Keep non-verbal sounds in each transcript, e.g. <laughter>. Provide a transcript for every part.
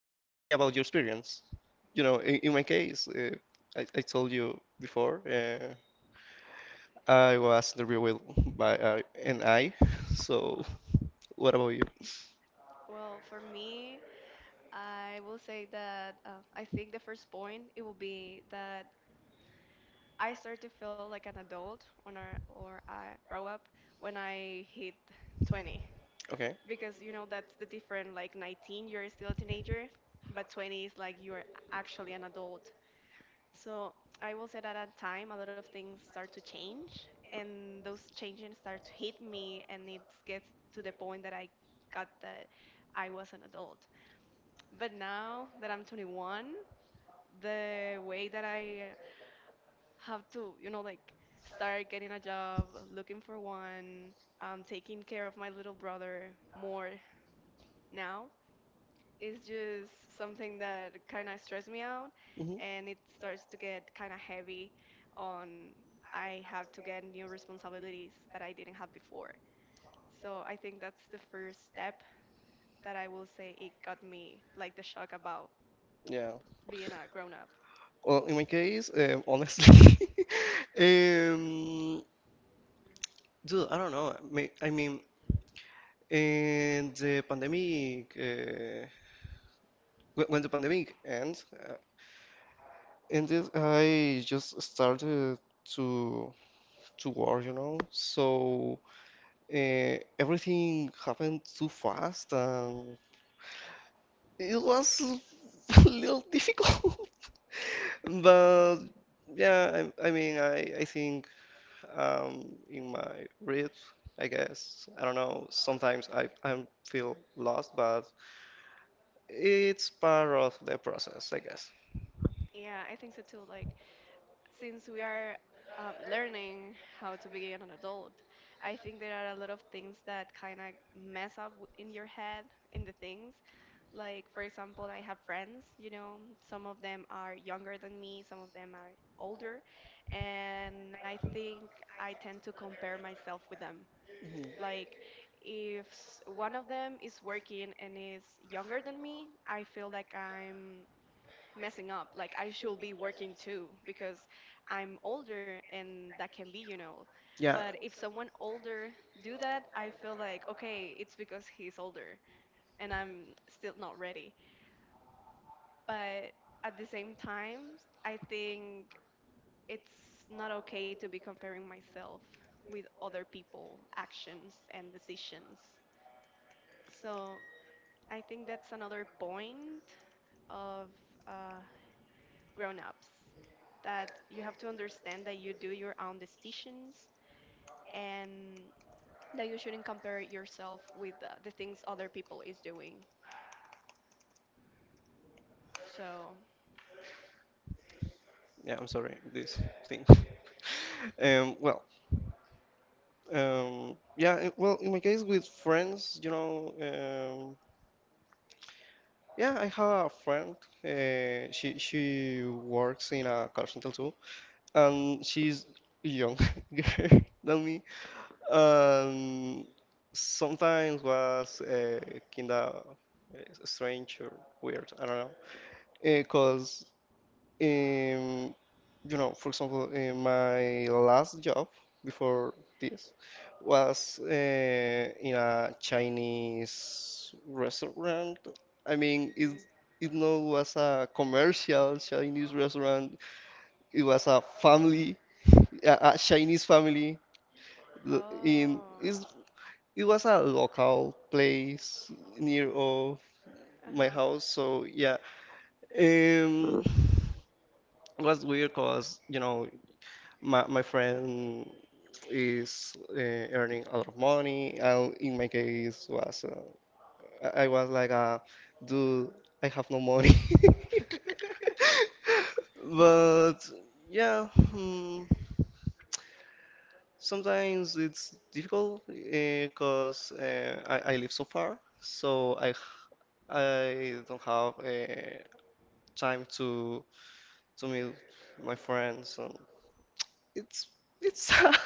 tell me about your experience. In my case, I told you before, I was interviewed by an I. <laughs> So, what about you? Well, for me, I will say that I think the first point it will be that I start to feel like an adult when or I grow up when I hit 20, Okay. because that's the different. Like 19 you're still a teenager, but 20 is like you're actually an adult. So I will say that at time a lot of things start to change, and those changes start to hit me, and it gets to the point that I got that I was an adult. But now that I'm 21, the way that I have to, like start getting a job, looking for one, taking care of my little brother more now, it's just something that kind of stressed me out, hmm and it starts to get kind of heavy on. I have to get new responsibilities that I didn't have before. So I think that's the first step that I will say it got me, like the shock about Yeah. being a grown up. Well, in my case, honestly, <laughs> um, dude, I don't know. I mean, in the pandemic, when the pandemic ends ended, I just started to to work, you know. So everything happened too fast, and it was <laughs> a little difficult. <laughs> But yeah, I think in my read, I guess I don't know. Sometimes I feel lost, but it's part of the process, I guess. Yeah, I think so too. Like since we are learning how to be an adult, I think there are a lot of things that kind of mess up in your head in the things. Like, for example, I have friends, you know, some of them are younger than me, some of them are older, and I think I tend to compare myself with them. Like, if one of them is working and is younger than me, I feel like I'm messing up. Like I should be working too because I'm older, and that can be, you know. Yeah. But if someone older do that, I feel like okay, it's because he's older and I'm still not ready. But at the same time, I think it's not okay to be comparing myself with other people' actions and decisions. So I think that's another point of uh, grown-ups, that you have to understand that you do your own decisions and that you shouldn't compare yourself with the things other people is doing, so. Yeah, I'm sorry. This thing. <laughs> um, well, yeah. Well, in my case with friends, yeah, I have a friend. She works in a call center too, and she's young <laughs> girl than me. Um, sometimes was kinda strange or weird. I don't know. Because um, you know, for example, my last job before this was in a Chinese restaurant. I mean, it Mhm. it no was a commercial Chinese restaurant. It was a family, a Chinese family. L- In Oh, is it was a local place near of my uh-huh. house. So yeah, um, was weird because you know my friend is earning a lot of money and in my case was I was like dude, I have no money. <laughs> <laughs> But yeah, hmm, sometimes it's difficult because I live so far, so I don't have time to meet my friends, and it's it's <laughs> sad.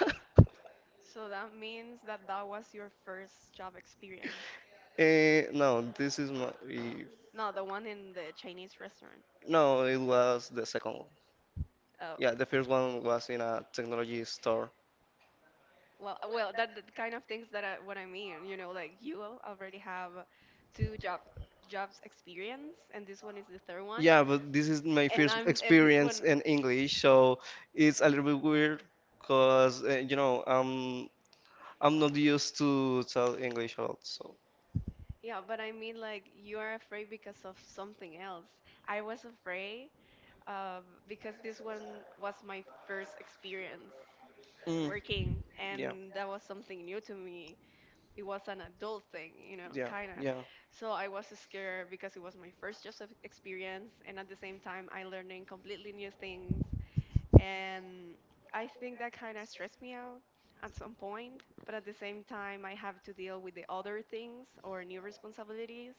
So that means that that was your first job experience? Eh, no, this is my. No, the one in the Chinese restaurant. No, it was the second one. Oh, Yeah, the first one was in a technology store. well, well, that kind of things that I, what I mean, you know, like you already have two jobs experience, and this one is the third one, Yeah, but this is my and first I'm and this one, experience in English, so it's a little bit weird because you know I'm not used to tell English a lot. So yeah, but I mean like you are afraid because of something else. I was afraid uh, because this one was my first experience mm, working, yeah, and that was something new to me. It was an adult thing, you know, yeah, kind of. yeah, So I was scared because it was my first job of experience, and at the same time, I learning completely new things. And I think that kind of stressed me out at some point. But at the same time, I have to deal with the other things or new responsibilities.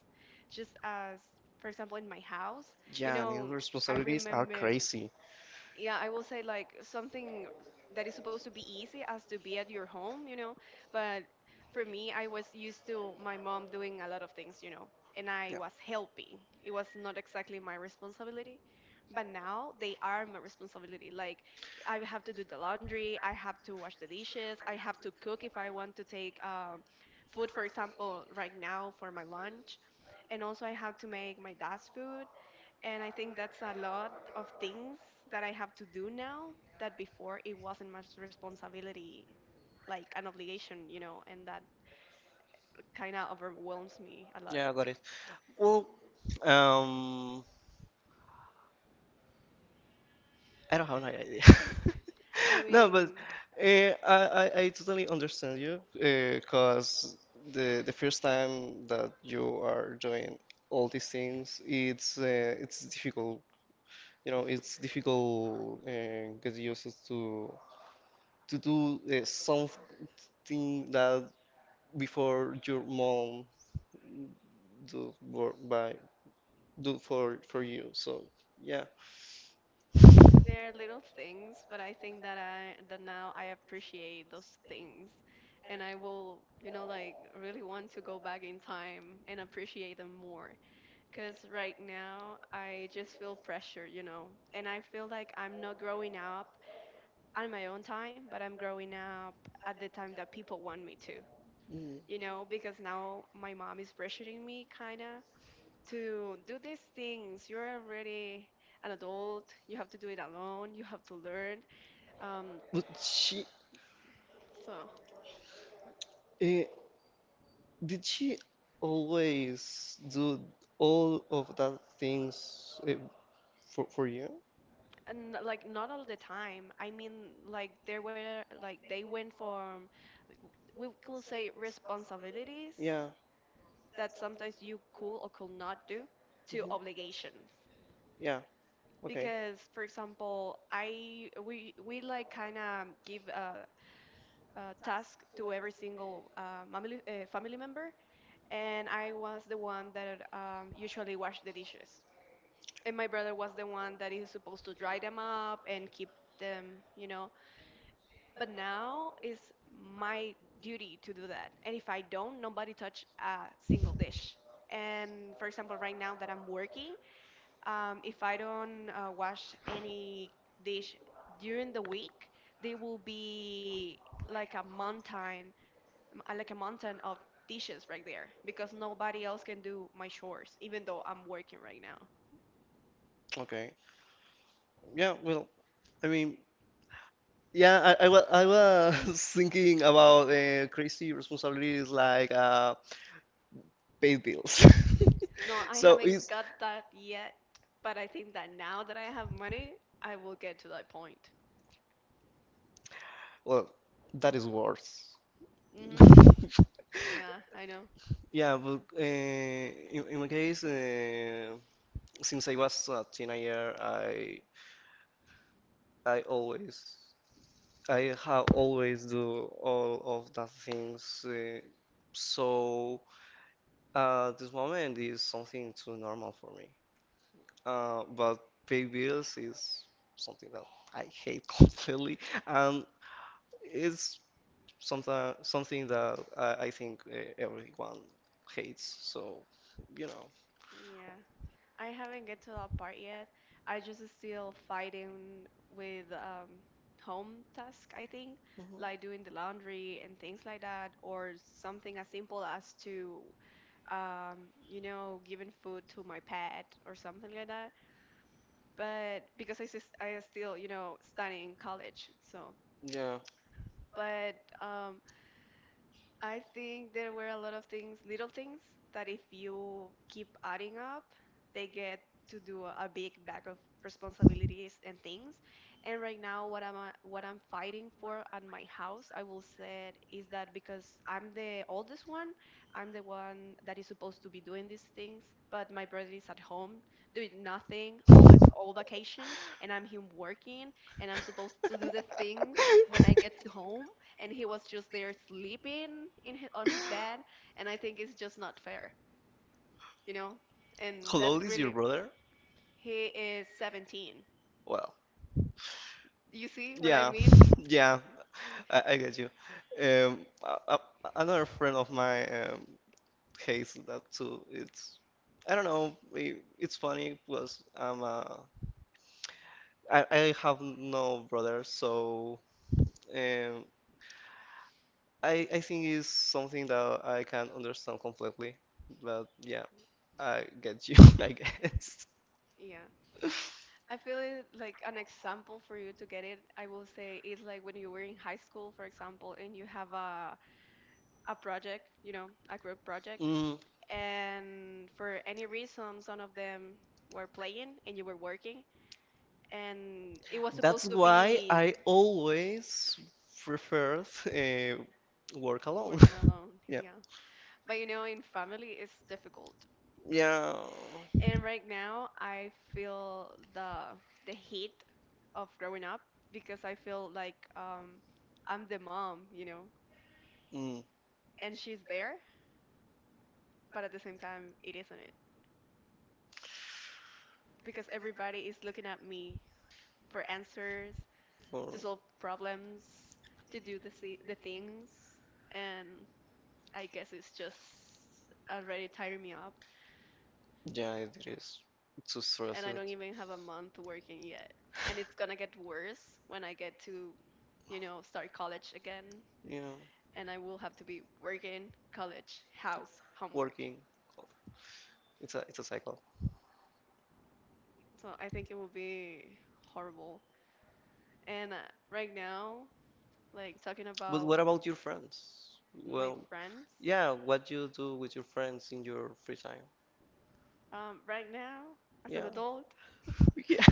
Just as, for example, in my house, you yeah. New know, I responsibilities are remember. crazy. Yeah, I will say like something that is supposed to be easy as to be at your home, you know. But for me, I was used to my mom doing a lot of things, you know, and I Yeah, was helping. It was not exactly my responsibility, but now they are my responsibility. Like I have to do the laundry, I have to wash the dishes, I have to cook if I want to take food, for example, right now for my lunch, and also I have to make my dad's food. And I think that's a lot of things that I have to do now that before it wasn't much responsibility, like an obligation, you know, and that kind of overwhelms me a lot. yeah, I got it. Well, um, I don't have no idea. I <laughs> no, but mean, I totally understand you because the first time that you are doing all these things, it's difficult. You know, it's difficult get used to do something that before your mom do work by do for you. So yeah, there are little things, but I think that I that now I appreciate those things, and I will, you know, like really want to go back in time and appreciate them more. Cause right now I just feel pressure, you know, and I feel like I'm not growing up on my own time, but I'm growing up at the time that people want me to, Mm. you know, because now my mom is pressuring me kinda to do these things. You're already an adult, you have to do it alone, you have to learn. Um, but she. so Uh, Did she always do all of that things for you? and like not all the time. I mean, like there were like they went from we could say responsibilities Yeah. that sometimes you could or could not do to Mhm. obligations. Yeah. Okay. Because, for example, I we like kind of give a task to every single family family member, and I was the one that usually washed the dishes. And my brother was the one that is supposed to dry them up and keep them, you know. But now it's my duty to do that, and if I don't, nobody touch a single dish. And, for example, right now that I'm working, if I don't wash any dish during the week, there will be like a mountain like a mountain of dishes right there, because nobody else can do my chores, even though I'm working right now. Okay. Yeah. Well, I mean, yeah. I was <laughs> thinking about crazy responsibilities like pay bills. No, <laughs> I So haven't it's got that yet, but I think that now that I have money, I will get to that point. well, that is worse. <laughs> Mhm. Yeah, I know. Yeah, well, in my case, since I was a teenager, I always I have always do all of the things. So this moment is something too normal for me. But pay bills is something that I hate <laughs> completely, and it's something that I think everyone hates. So, you know. Yeah. I haven't get to that part yet. I just still fighting with home task, I think, Mhm. like doing the laundry and things like that, or something as simple as to you know, giving food to my pet or something like that. But because I still, you know, studying college, so Yeah. but um I think there were a lot of things, little things, that if you keep adding up, they get to do a big bag of responsibilities and things. And right now, what I'm fighting for at my house, I will say, is that because I'm the oldest one, I'm the one that is supposed to be doing these things, but my brother is at home doing nothing all vacation, and I'm him working, and I'm supposed to do the things when I get to <laughs> home, and he was just there sleeping in on his bed. And I think it's just not fair, you know, and that Hello, is your really. brother? He is 17, Well, you see what I yeah, mean? <laughs> yeah, I get you. Um, a, a, Another friend of mine. Hazel, that too. It's I don't know. It's funny because I have no brother, so um, I think it's something that I can understand completely. But yeah, I get you, <laughs> I guess. Yeah, I feel it. Like an example for you to get it, I will say is like when you were in high school, for example, and you have a project, you know, a group project, Mm, and for any reason some of them were playing and you were working and it was that's supposed to why be. I always prefer uh, work alone. <laughs> Working alone, Yeah. yeah. But you know, in family, it's difficult. Yeah. And right now, I feel the heat of growing up, because I feel like I'm the mom, you know, Mm. and she's there, but at the same time, it isn't it, because everybody is looking at me for answers, For to solve problems, to do the things, and I guess it's just already tiring me up. yeah, it is too And stressed. I don't even have a month working yet. And it's gonna get worse when I get to, you know, start college again. Yeah, And I will have to be working, college, house, homework. working. It's a cycle. So I think it will be horrible. And right now, like talking But about what about your friends? my Well, friends, yeah, what you do with your friends in your free time? Right now, as an Yeah, adult, <laughs> yeah,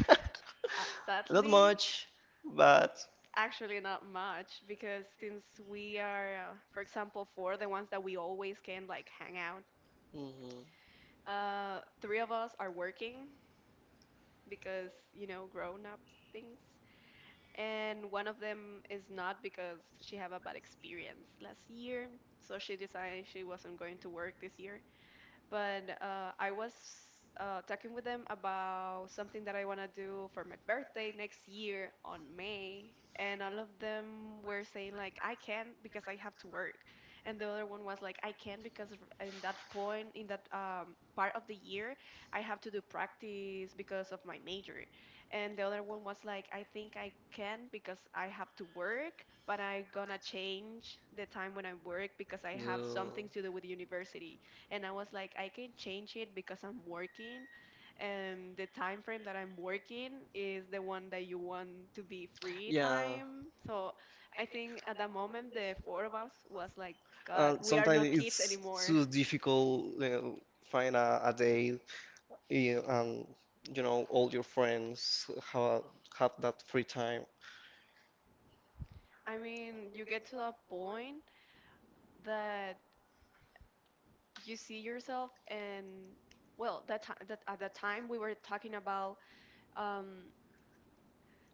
not sadly. much, but Actually, not much because since we are, for example, four, the ones that we always can like hang out, hmm three of us are working because, you know, grown up things. And one of them is not because she had a bad experience last year. So she decided she wasn't going to work this year. But I was talking with them about something that I want to do for my birthday next year on May, and all of them were saying like I can because I have to work, and the other one was like I can because in that point in that part of the year I have to do practice because of my major, and the other one was like I think I can because I have to work. But I gonna change the time when I work because I have some things to do with university. And I was like, I can change it because I'm working, and the time frame that I'm working is the one that you want to be free yeah. time. So I think at that moment the four of us was like, God, we are Sometimes not kids it's anymore. too difficult, you know, find a day and you know all your friends have have that free time. I mean, you get to that point that you see yourself and well, that, that at that time we were talking about um,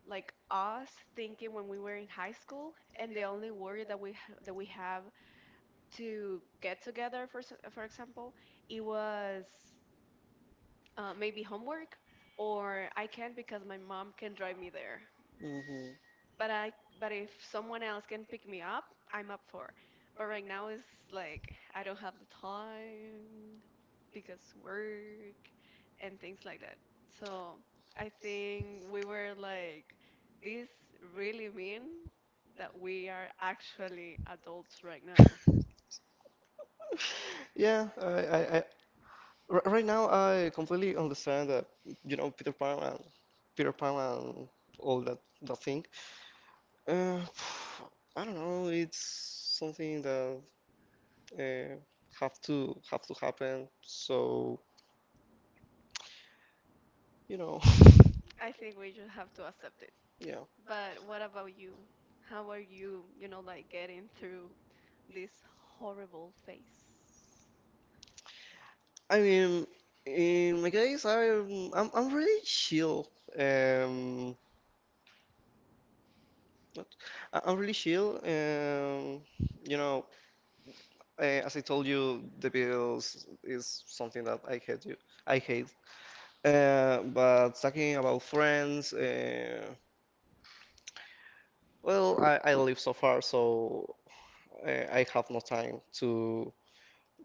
like us thinking when we were in high school, and the only worry that we have to get together for for example, it was maybe homework or I can't because my mom can drive me there Hmm but I but if someone else can pick me up, I'm up for. But right now it's like I don't have the time because work and things like that. So I think we were like this really mean that we are actually adults right now. Yeah, I r- right now I completely understand that, you know, Peter Pan and all that thing. Uh, <sighs> I don't know. It's something that uh, have to happen. So you know, I think we just have to accept it. <laughs> yeah. But what about you? How are you, like getting through this horrible phase? I mean, in my case, I'm really chill. Um, not- I'm really chill. You know, as I told you, the bills is something that I hate. You, I hate. But talking about friends, I live so far, so I have no time to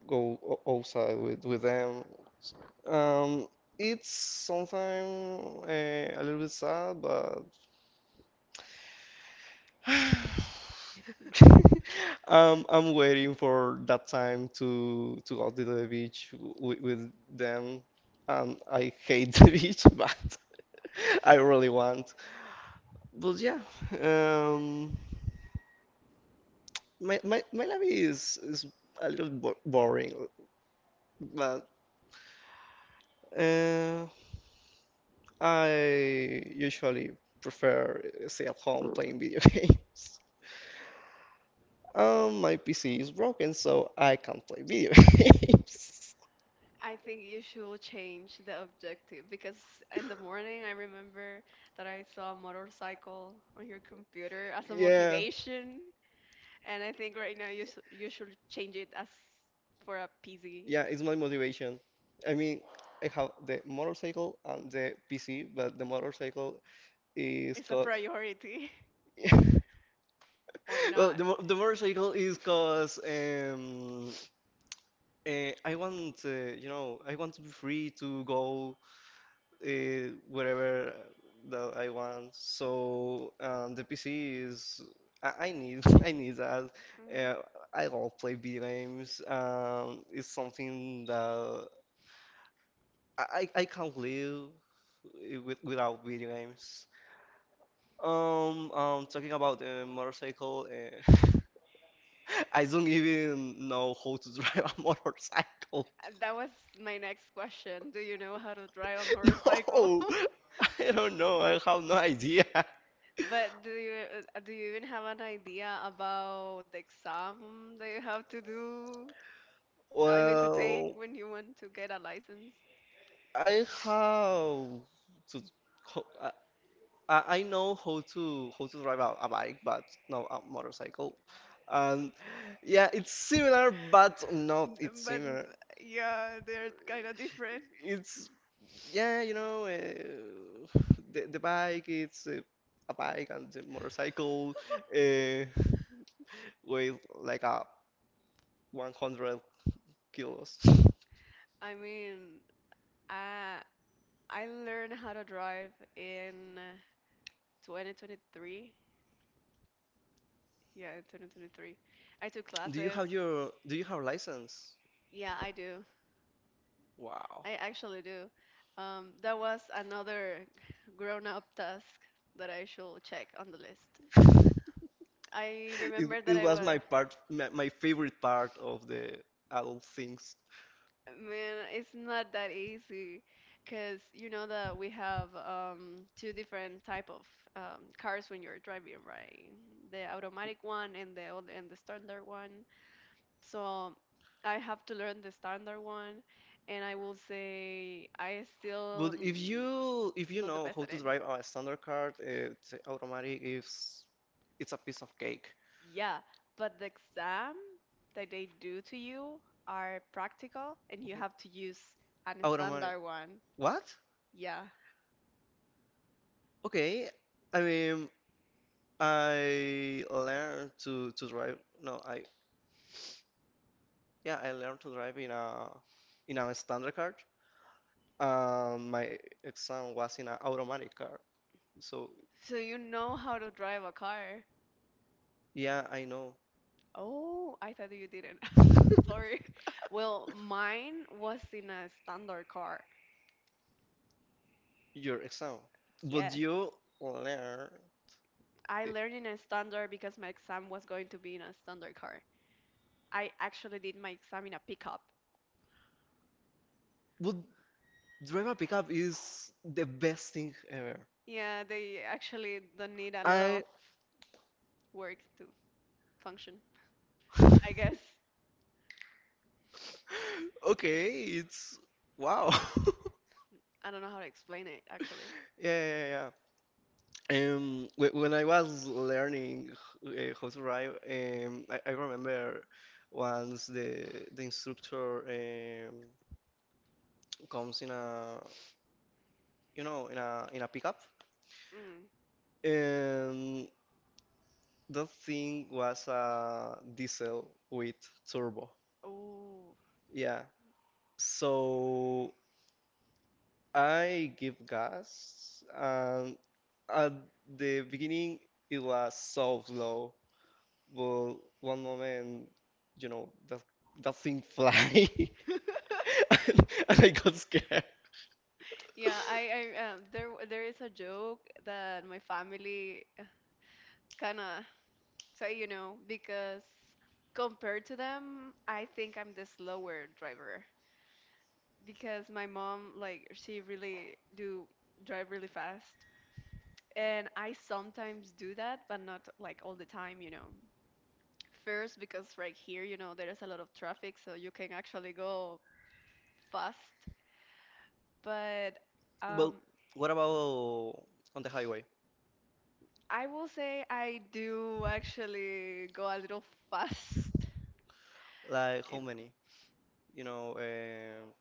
go outside with them. Um, it's sometimes a little bit sad, but <sighs> <laughs> I'm waiting for that time to go to the beach with them. I hate <laughs> the beach, but <laughs> I really want. But yeah, um, my life is a little bo boring, but uh, I usually prefer stay at home playing video <laughs> games. My PC is broken, so I can't play video <laughs> games. I think you should change the objective because in the morning I remember that I saw a motorcycle on your computer as a Yeah, motivation, and I think right now you should change it as for a PZ. yeah, it's my motivation. I mean, I have the motorcycle and the PC, but the motorcycle is It's a cause. priority <laughs> <laughs> or Well, not. The motorcycle is cause I want, you know, I want to be free to go wherever that I want. So the PC is I need <laughs> I need that. Mm. Uh, I love play video games. It's something that I can't live with, without video games. Talking about the motorcycle. <laughs> I don't even know how to <laughs> drive a motorcycle. <laughs> That was my next question. Do you know how to drive a motorcycle? No, <laughs> I don't know. I have no idea. But do you even have an idea about the exam that you have to do? <laughs> I mean, to take Well. when you want to get a license? I have to. ho- I I know how to drive a bike, but no a motorcycle. And yeah, it's similar, but not it's But similar. yeah, they're kind of different. It's yeah, you know, the bike it's a bike, and the motorcycle uh, weighs like a 100 kilos. <laughs> I mean, I I learned how to drive in 2023. Yeah, 2023. I took Do you classes. have your Do you have license? Yeah, I do. Wow. I actually do. That was another <laughs> grown up task that I should check on the list. I it, remember it that I was was, my favorite part of the adult things, man, it's not that easy because you know that we have two different type of cars when you're driving, right? The automatic one and the standard one. So I have to learn the standard one, and I will say I but still if you not the know best how at to it. drive a standard car, it's automatic, is it's a piece of cake. Yeah, but the exam that they do to you are practical, and you have to use an Automatic standard one. what? Yeah. Okay. I mean, I learned to drive. No, I yeah, I learned to drive in a standard car. My exam was in an automatic car, so So you know how to drive a car. yeah, I know Oh, I thought you didn't. <laughs> I'm sorry. Well, mine was in a standard car. your exam. But Yes. you learn. I learned in a standard because my exam was going to be in a standard car. I actually did my exam in a pickup. But driver pickup is the best thing ever. Yeah, they actually don't need a lot of I work to function. I guess <laughs> okay, it's wow. <laughs> I don't know how to explain it actually. yeah, When I was learning how to drive, I remember once the instructor um, comes in a, you know, in a pickup, Mm. and that thing was a diesel with turbo. Oh. Yeah. So I give gas, and at the beginning it was so slow, but one moment, you know, that thing fly, <laughs> <laughs> and I got scared. Yeah, I there there is a joke that my family kind of say, because compared to them, I think I'm the slower driver. Because my mom, like, she really do drive really fast, and I sometimes do that, but not like all the time. First, because right here, there is a lot of traffic, so you can actually go fast. But But um what about on the highway? I will say I do actually go a little <laughs> fast. Like how It- many? You know, um,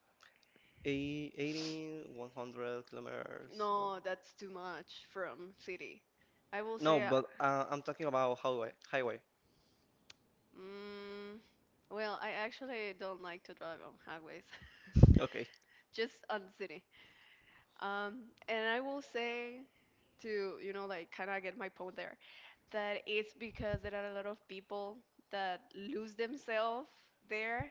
eight- 80, 100 kilometers. No, that's too much. From city, I will No, say, but I'm talking about highway. Highway. mm, well, I actually don't like to drive on highways, <laughs> Okay. just on city. And I will say to, like kind of get my point there, that it's because there are a lot of people that lose themselves there.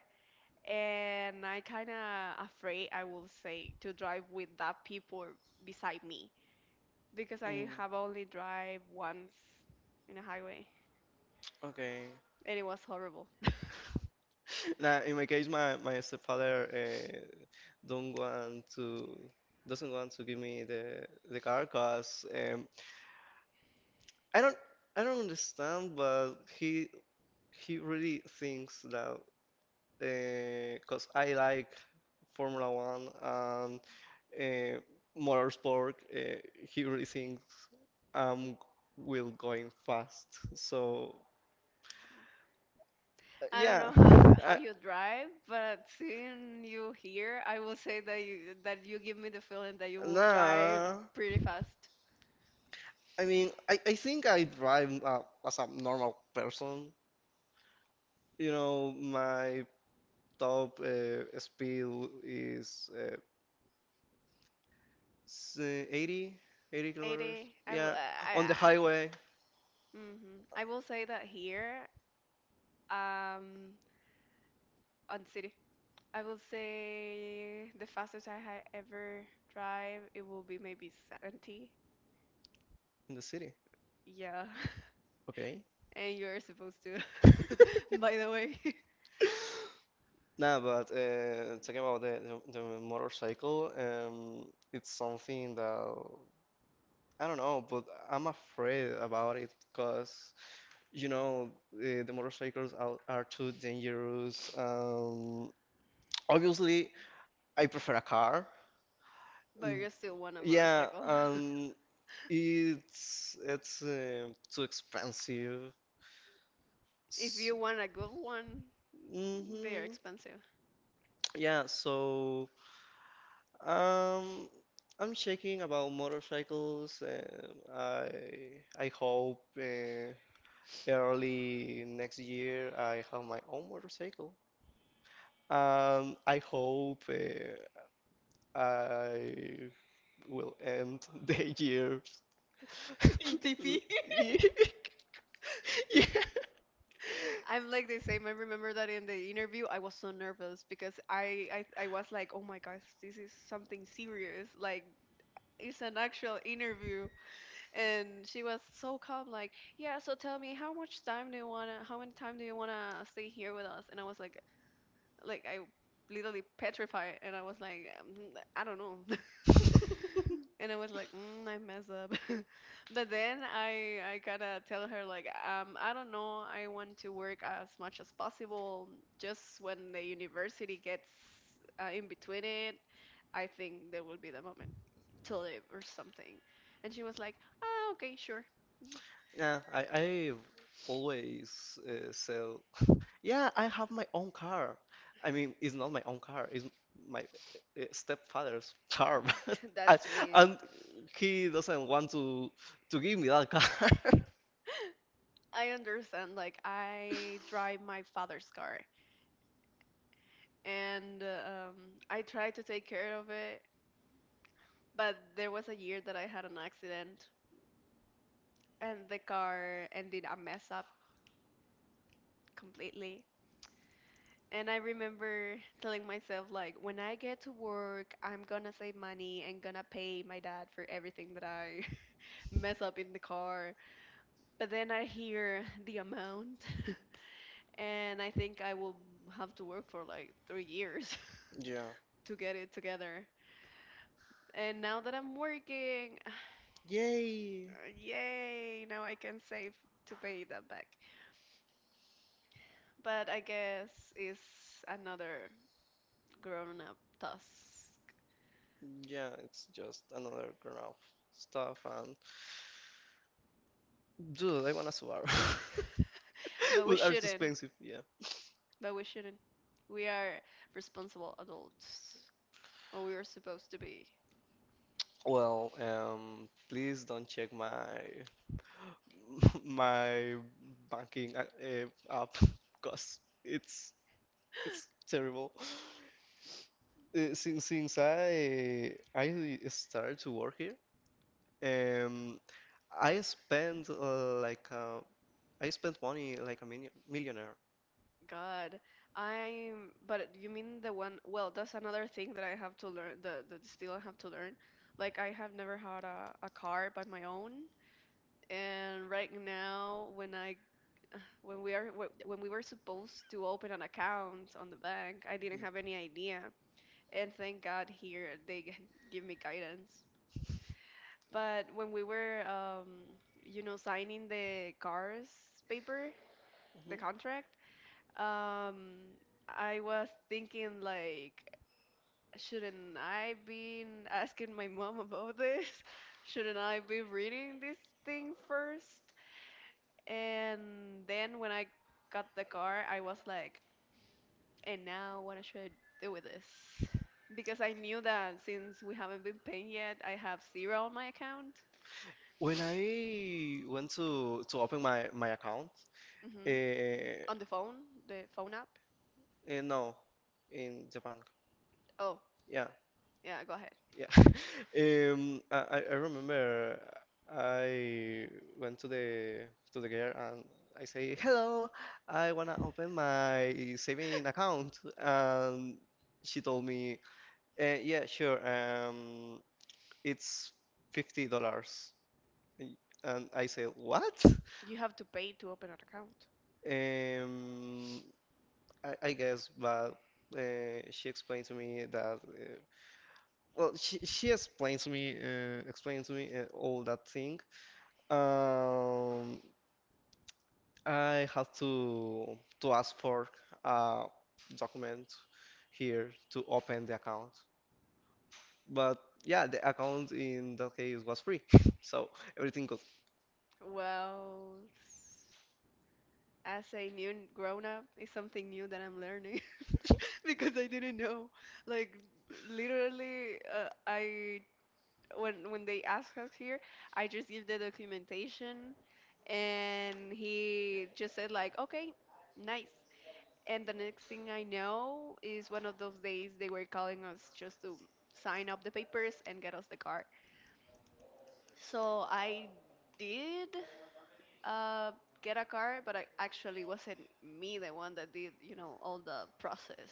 And I kind of afraid, I will say, to drive with that people beside me because I Mm, have only drive once in a highway okay. and it was horrible. <laughs> Now, in my case, my stepfather don't want to doesn't want to give me the car, cause I don't I don't understand, but he really thinks that because I like Formula One and uh, motorsport. He really thinks I'm will going fast. So I don't yeah, know <laughs> how I, you drive, but seeing you here, I will say that you give me the feeling that you will drive nah. pretty fast. I think I drive as a normal person. You know, my top speed is 80, eighty kilometers. 80. I will. Yeah, on the I highway. I will say that here, um, on the city, I will say the fastest I had ever drive, it will be maybe 70. In the city. Yeah, Okay. <laughs> and you're supposed to, <laughs> <laughs> by the way. Nah, but talking about the, <laughs> the motorcycle, it's something that I don't know, but I'm afraid about it because you know the motorcycles are too dangerous. Obviously, I prefer a car. But Mm, you still want a yeah, motorcycle. <laughs> It's too expensive. If S- you want a good one, they are Mhm. expensive. Yeah, so Um, I'm checking about motorcycles, and I hope early next year I have my own motorcycle. I hope I will end <laughs> the year. <laughs> In TP. <laughs> Yeah. I'm like the same. I remember that in the interview, I was so nervous because I was like, oh my gosh, this is something serious. Like, it's an actual interview. And she was so calm, like, yeah, so tell me, how many time do you want to stay here with us? And I was like, I literally petrified. And I was like, I don't know. <laughs> <laughs> And I was like, I mess up. <laughs> But then I gotta tell her like, I don't know, I want to work as much as possible. Just when the university gets in between it, I think there will be the moment to live or something. And she was like, ah, okay, sure. Yeah, I always sell. <laughs> Yeah, I have my own car. I mean, it's not my own car. It's my stepfather's <laughs> car, but <laughs> I, That's me. and he doesn't want to give me that car. <laughs> I understand. Like, I drive my father's car, and I try to take care of it, but there was a year that I had an accident and the car ended a mess up completely. And I remember telling myself, like, when I get to work, I'm gonna save money and gonna pay my dad for everything that I <laughs> mess up in the car. But then I hear the amount, <laughs> and I think I will have to work for like 3 years Yeah. <laughs> to get it together. And now that I'm working, Yay. <sighs> yay, now I can save to pay that back. But I guess it's another grown up task. Yeah, it's just another grown up stuff, and dude, I want a Subaru. <laughs> But we But are too shouldn't. expensive. Yeah. But we shouldn't. We are responsible adults. Or we are supposed to be. Well, please don't check my <laughs> my banking app <laughs> because it's terrible. Since I started to work here, um, I spent uh, like uh, I spent money like a million, millionaire. God, I'm. But you mean the one? Well, that's another thing that I have to learn. The That still I have to learn. Like, I have never had a car by my own, and right now when I when we are when we were supposed to open an account on the bank, I didn't Mhm. have any idea, and thank God here they give me guidance. But when we were, signing the cars paper, the Mhm. contract, um, I was thinking like, shouldn't I be asking my mom about this? <laughs> Shouldn't I be reading this thing first? And then when I got the car, I was like, and now, what I should do with this? Because I knew that since we haven't been paying yet, I have zero on my account. When I went to open my account, Hmm. uh, On the phone app. No, in Japan, Oh, yeah. yeah, go ahead. Yeah. <laughs> I remember I went to the girl and I say, "Hello, I wanna open my saving account." And she told me, "Yeah, sure. It's $50." And I said, "What?" You have to pay to open an account. Um, I guess, but she explained to me that. She explained to me all that thing. Um, I have to ask for a document here to open the account. But yeah, the account in that case was free, <laughs> so everything good. Well, as a new grown up, it's something new that I'm learning <laughs> because I didn't know. Like, literally, I when they ask us here, I just give the documentation, and he just said like, okay, nice. And the next thing I know is one of those days they were calling us just to sign up the papers and get us the car. So I did uh, get a car, but I actually wasn't me the one that did all the process.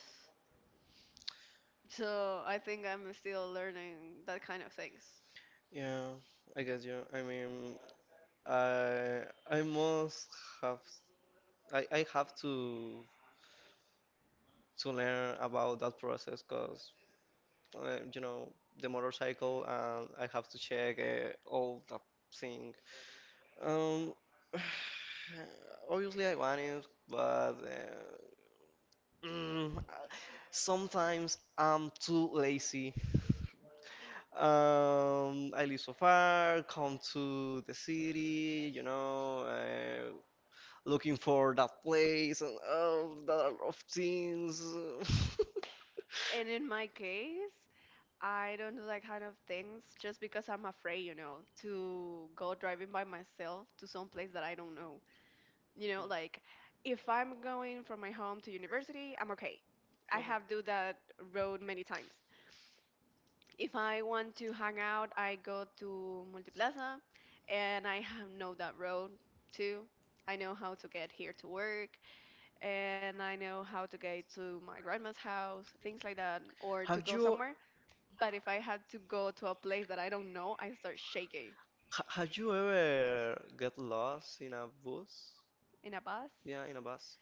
So I think I'm still learning that kind of things. Yeah, I guess you. I I must have I have to learn about that process, because you know the motorcycle, and I have to check all that thing. Um, <sighs> Obviously I want it, but mm, sometimes I'm too lazy. I live so far, come to the city, you know, looking for that place and all that of things. <laughs> And in my case, I don't do that kind of things just because I'm afraid, to go driving by myself to some place that I don't know. Like, if I'm going from my home to university, I'm okay. I have do that road many times. If I want to hang out, I go to Multiplaza and I have know that road too. I know how to get here to work and I know how to get to my grandma's house, things like that, or to Have go you somewhere. But if I had to go to a place that I don't know, I start shaking have you ever get lost in a bus? in a bus. Yeah, in a bus.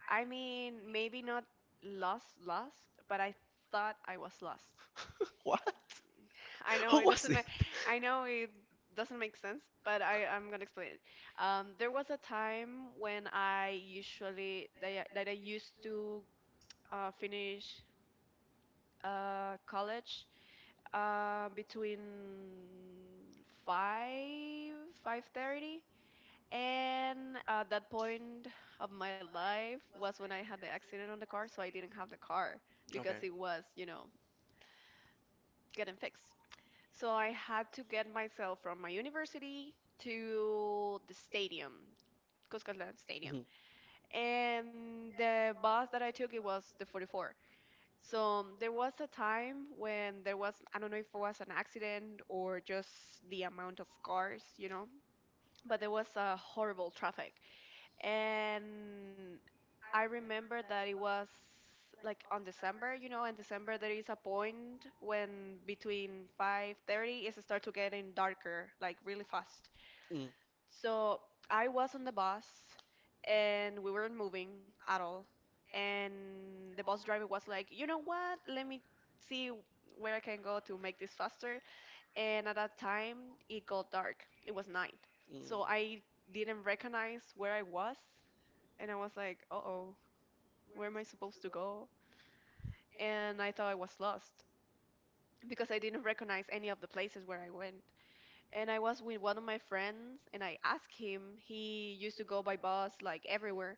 I mean, maybe not lost, lost, but I thought I was lost. <laughs> What? I <laughs> know Who it was doesn't it? make, I know it doesn't make sense, but I'm gonna explain it. There was a time when I usually that I used to finish college between five five thirty. And at that point of my life was when I had the accident on the car, so I didn't have the car because Okay. it was, getting fixed. So I had to get myself from my university to the stadium, Cuscatlan Stadium. Mhm. And the bus that I took, it was the 44. So there was a time when there was, I don't know if it was an accident or just the amount of cars, but there was a horrible traffic. And I remember that it was like on December, in December there is a point when between 5:30 it start to getting darker like really fast. Mm. So I was on the bus and we weren't moving at all. And the bus driver was like, "You know what? Let me see where I can go to make this faster." And at that time, it got dark. It was night. Mm. So I didn't recognize where I was and I was like, "Uh oh, where am I supposed to go?" And I thought I was lost because I didn't recognize any of the places where I went. And I was with one of my friends, and I asked him. He used to go by bus like everywhere,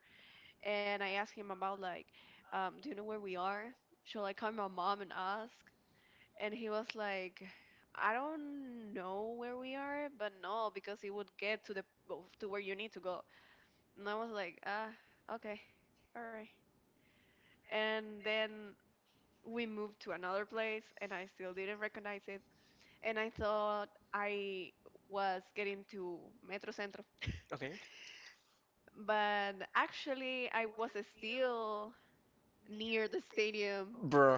and I asked him about like, "Do you know where we are? Shall I call my mom and ask?" And he was like, "I don't know where we are, but no, because it would get to the to where you need to go." And I was like, "Ah, okay, all right." And then we moved to another place and I still didn't recognize it. And I thought I was getting to Metro Centro. Okay. But actually, I was still near the stadium. Bro.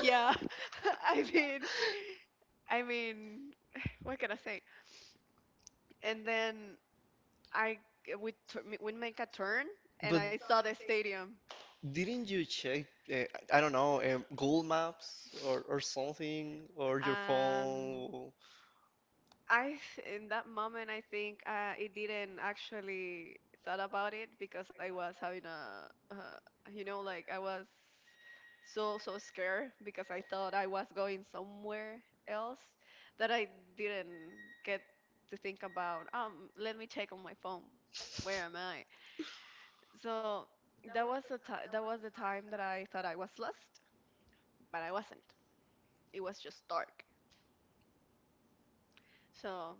Yeah, <laughs> I mean, I mean, <sighs> what can I say? And then I we make a turn and But I saw the stadium. didn't you check, I don't know, Google Maps or something, or your Um, phone? In that moment I think it didn't actually thought about it because I was having a I was so scared because I thought I was going somewhere else, that I didn't get to think about, let me check on my phone where am I. So that was a ti that was the time that I thought I was lost, but I wasn't, it was just dark. So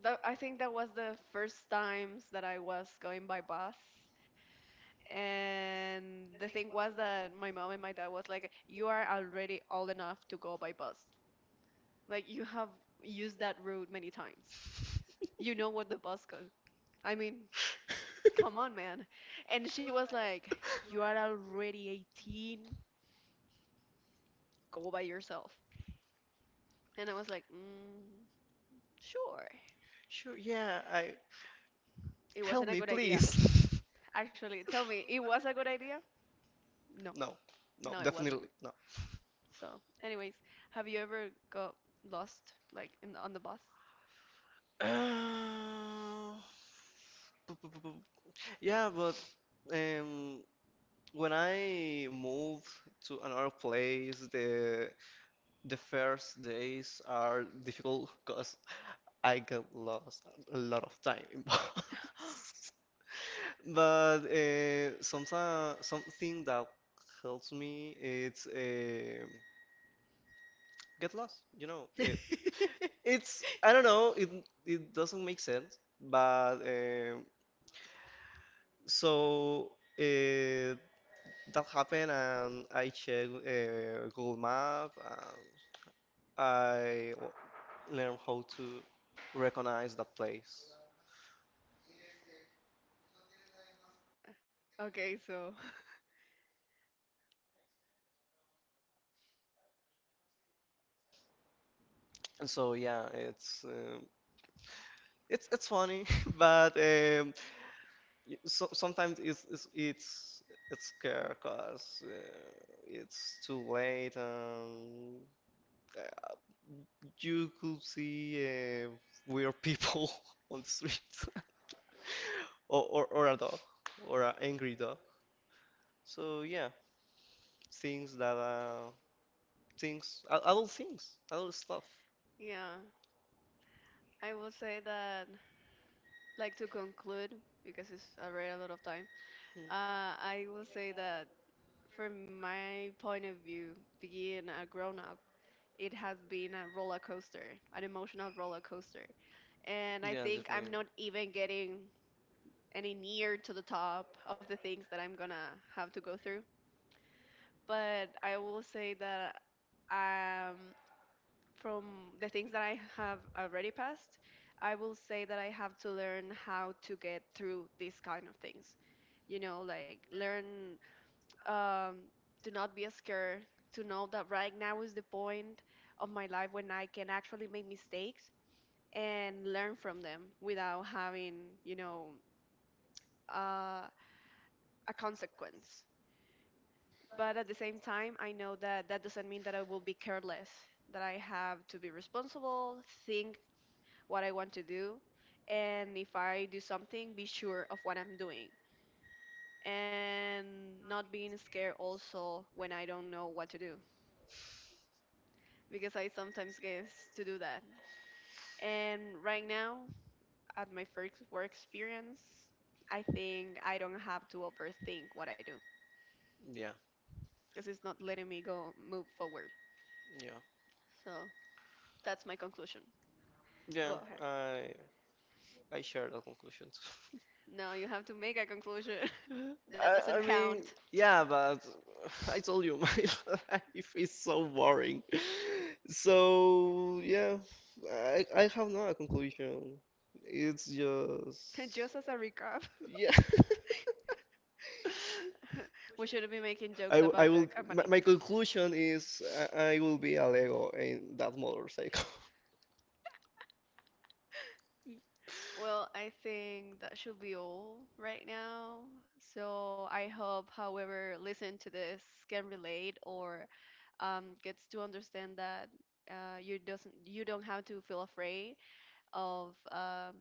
that, I think that was the first times that I was going by bus. And the thing was that my mom and my dad was like, "You are already old enough to go by bus. Like you have used that route many times. You know what the bus goes. I mean, come on, man." And she was like, "You are already 18. Go by yourself." And I was like, "Sure." Sure, yeah, I It help wasn't a me, good idea. please. <laughs> Actually, tell me, it was a good idea? No, No, no, no, it definitely wasn't. no. So, anyways, have you ever got lost like in on the bus? <gasps> <sighs> Uh, Yeah, but um, when I moved to another place, the first days are difficult because I got lost a lot of time in bus. <laughs> But something that helps me it's get lost. You know, <laughs> it's I don't know. It doesn't make sense, but so. uh That happened, and I checked Google Map, and I learned how to recognize the place. Okay, so And so yeah, it's funny, <laughs> but so, sometimes it's scary because it's too late, and uh, you could see weird people <laughs> on the street, <laughs> or a dog, or an angry dog. So yeah, things that are things other things, other stuff. yeah, I will say that, like, to conclude, because it's already a lot of time. Mm. I will say that from my point of view, being a grown up, it has been a roller coaster, an emotional roller coaster, and I Yeah, think I'm definitely. not even getting any near to the top of the things that I'm gonna have to go through. But I will say that um, from the things that I have already passed, I will say that I have to learn how to get through these kind of things. You know, like learn, um, to not be scared, to know that right now is the point of my life when I can actually make mistakes and learn from them without having, you know, uh, a consequence. But at the same time, I know that doesn't mean that I will be careless, that I have to be responsible, think what I want to do, and if I do something, be sure of what I'm doing and not being scared also when I don't know what to do, because I sometimes get to do that. And right now, at my first work experience, I think I don't have to overthink what I do Yeah, because it's not letting me go move forward. yeah, So that's my conclusion. Go yeah. ahead. I I share the conclusions. <laughs> No, you have to make a conclusion. <laughs> That doesn't I mean, count. yeah, but <laughs> I told you my <laughs> life is so boring. <laughs> So yeah, I have no conclusion. It's just <laughs> Just as a recap, yeah. <laughs> <laughs> we shouldn't be making jokes about I the will. My, company. my conclusion is I will be a Lego in that motorcycle. <laughs> Well, I think that should be all right now. So I hope, however, listen to this can relate or gets to understand that you don't have to feel afraid of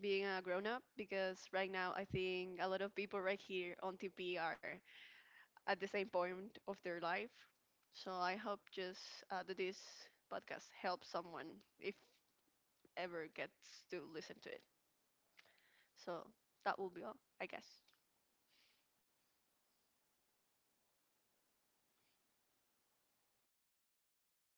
being a grown up, because right now I think a lot of people right here on TP are at the same point of their life. So I hope, just that this podcast helps someone if ever gets to listen to it. So that will be all, I guess.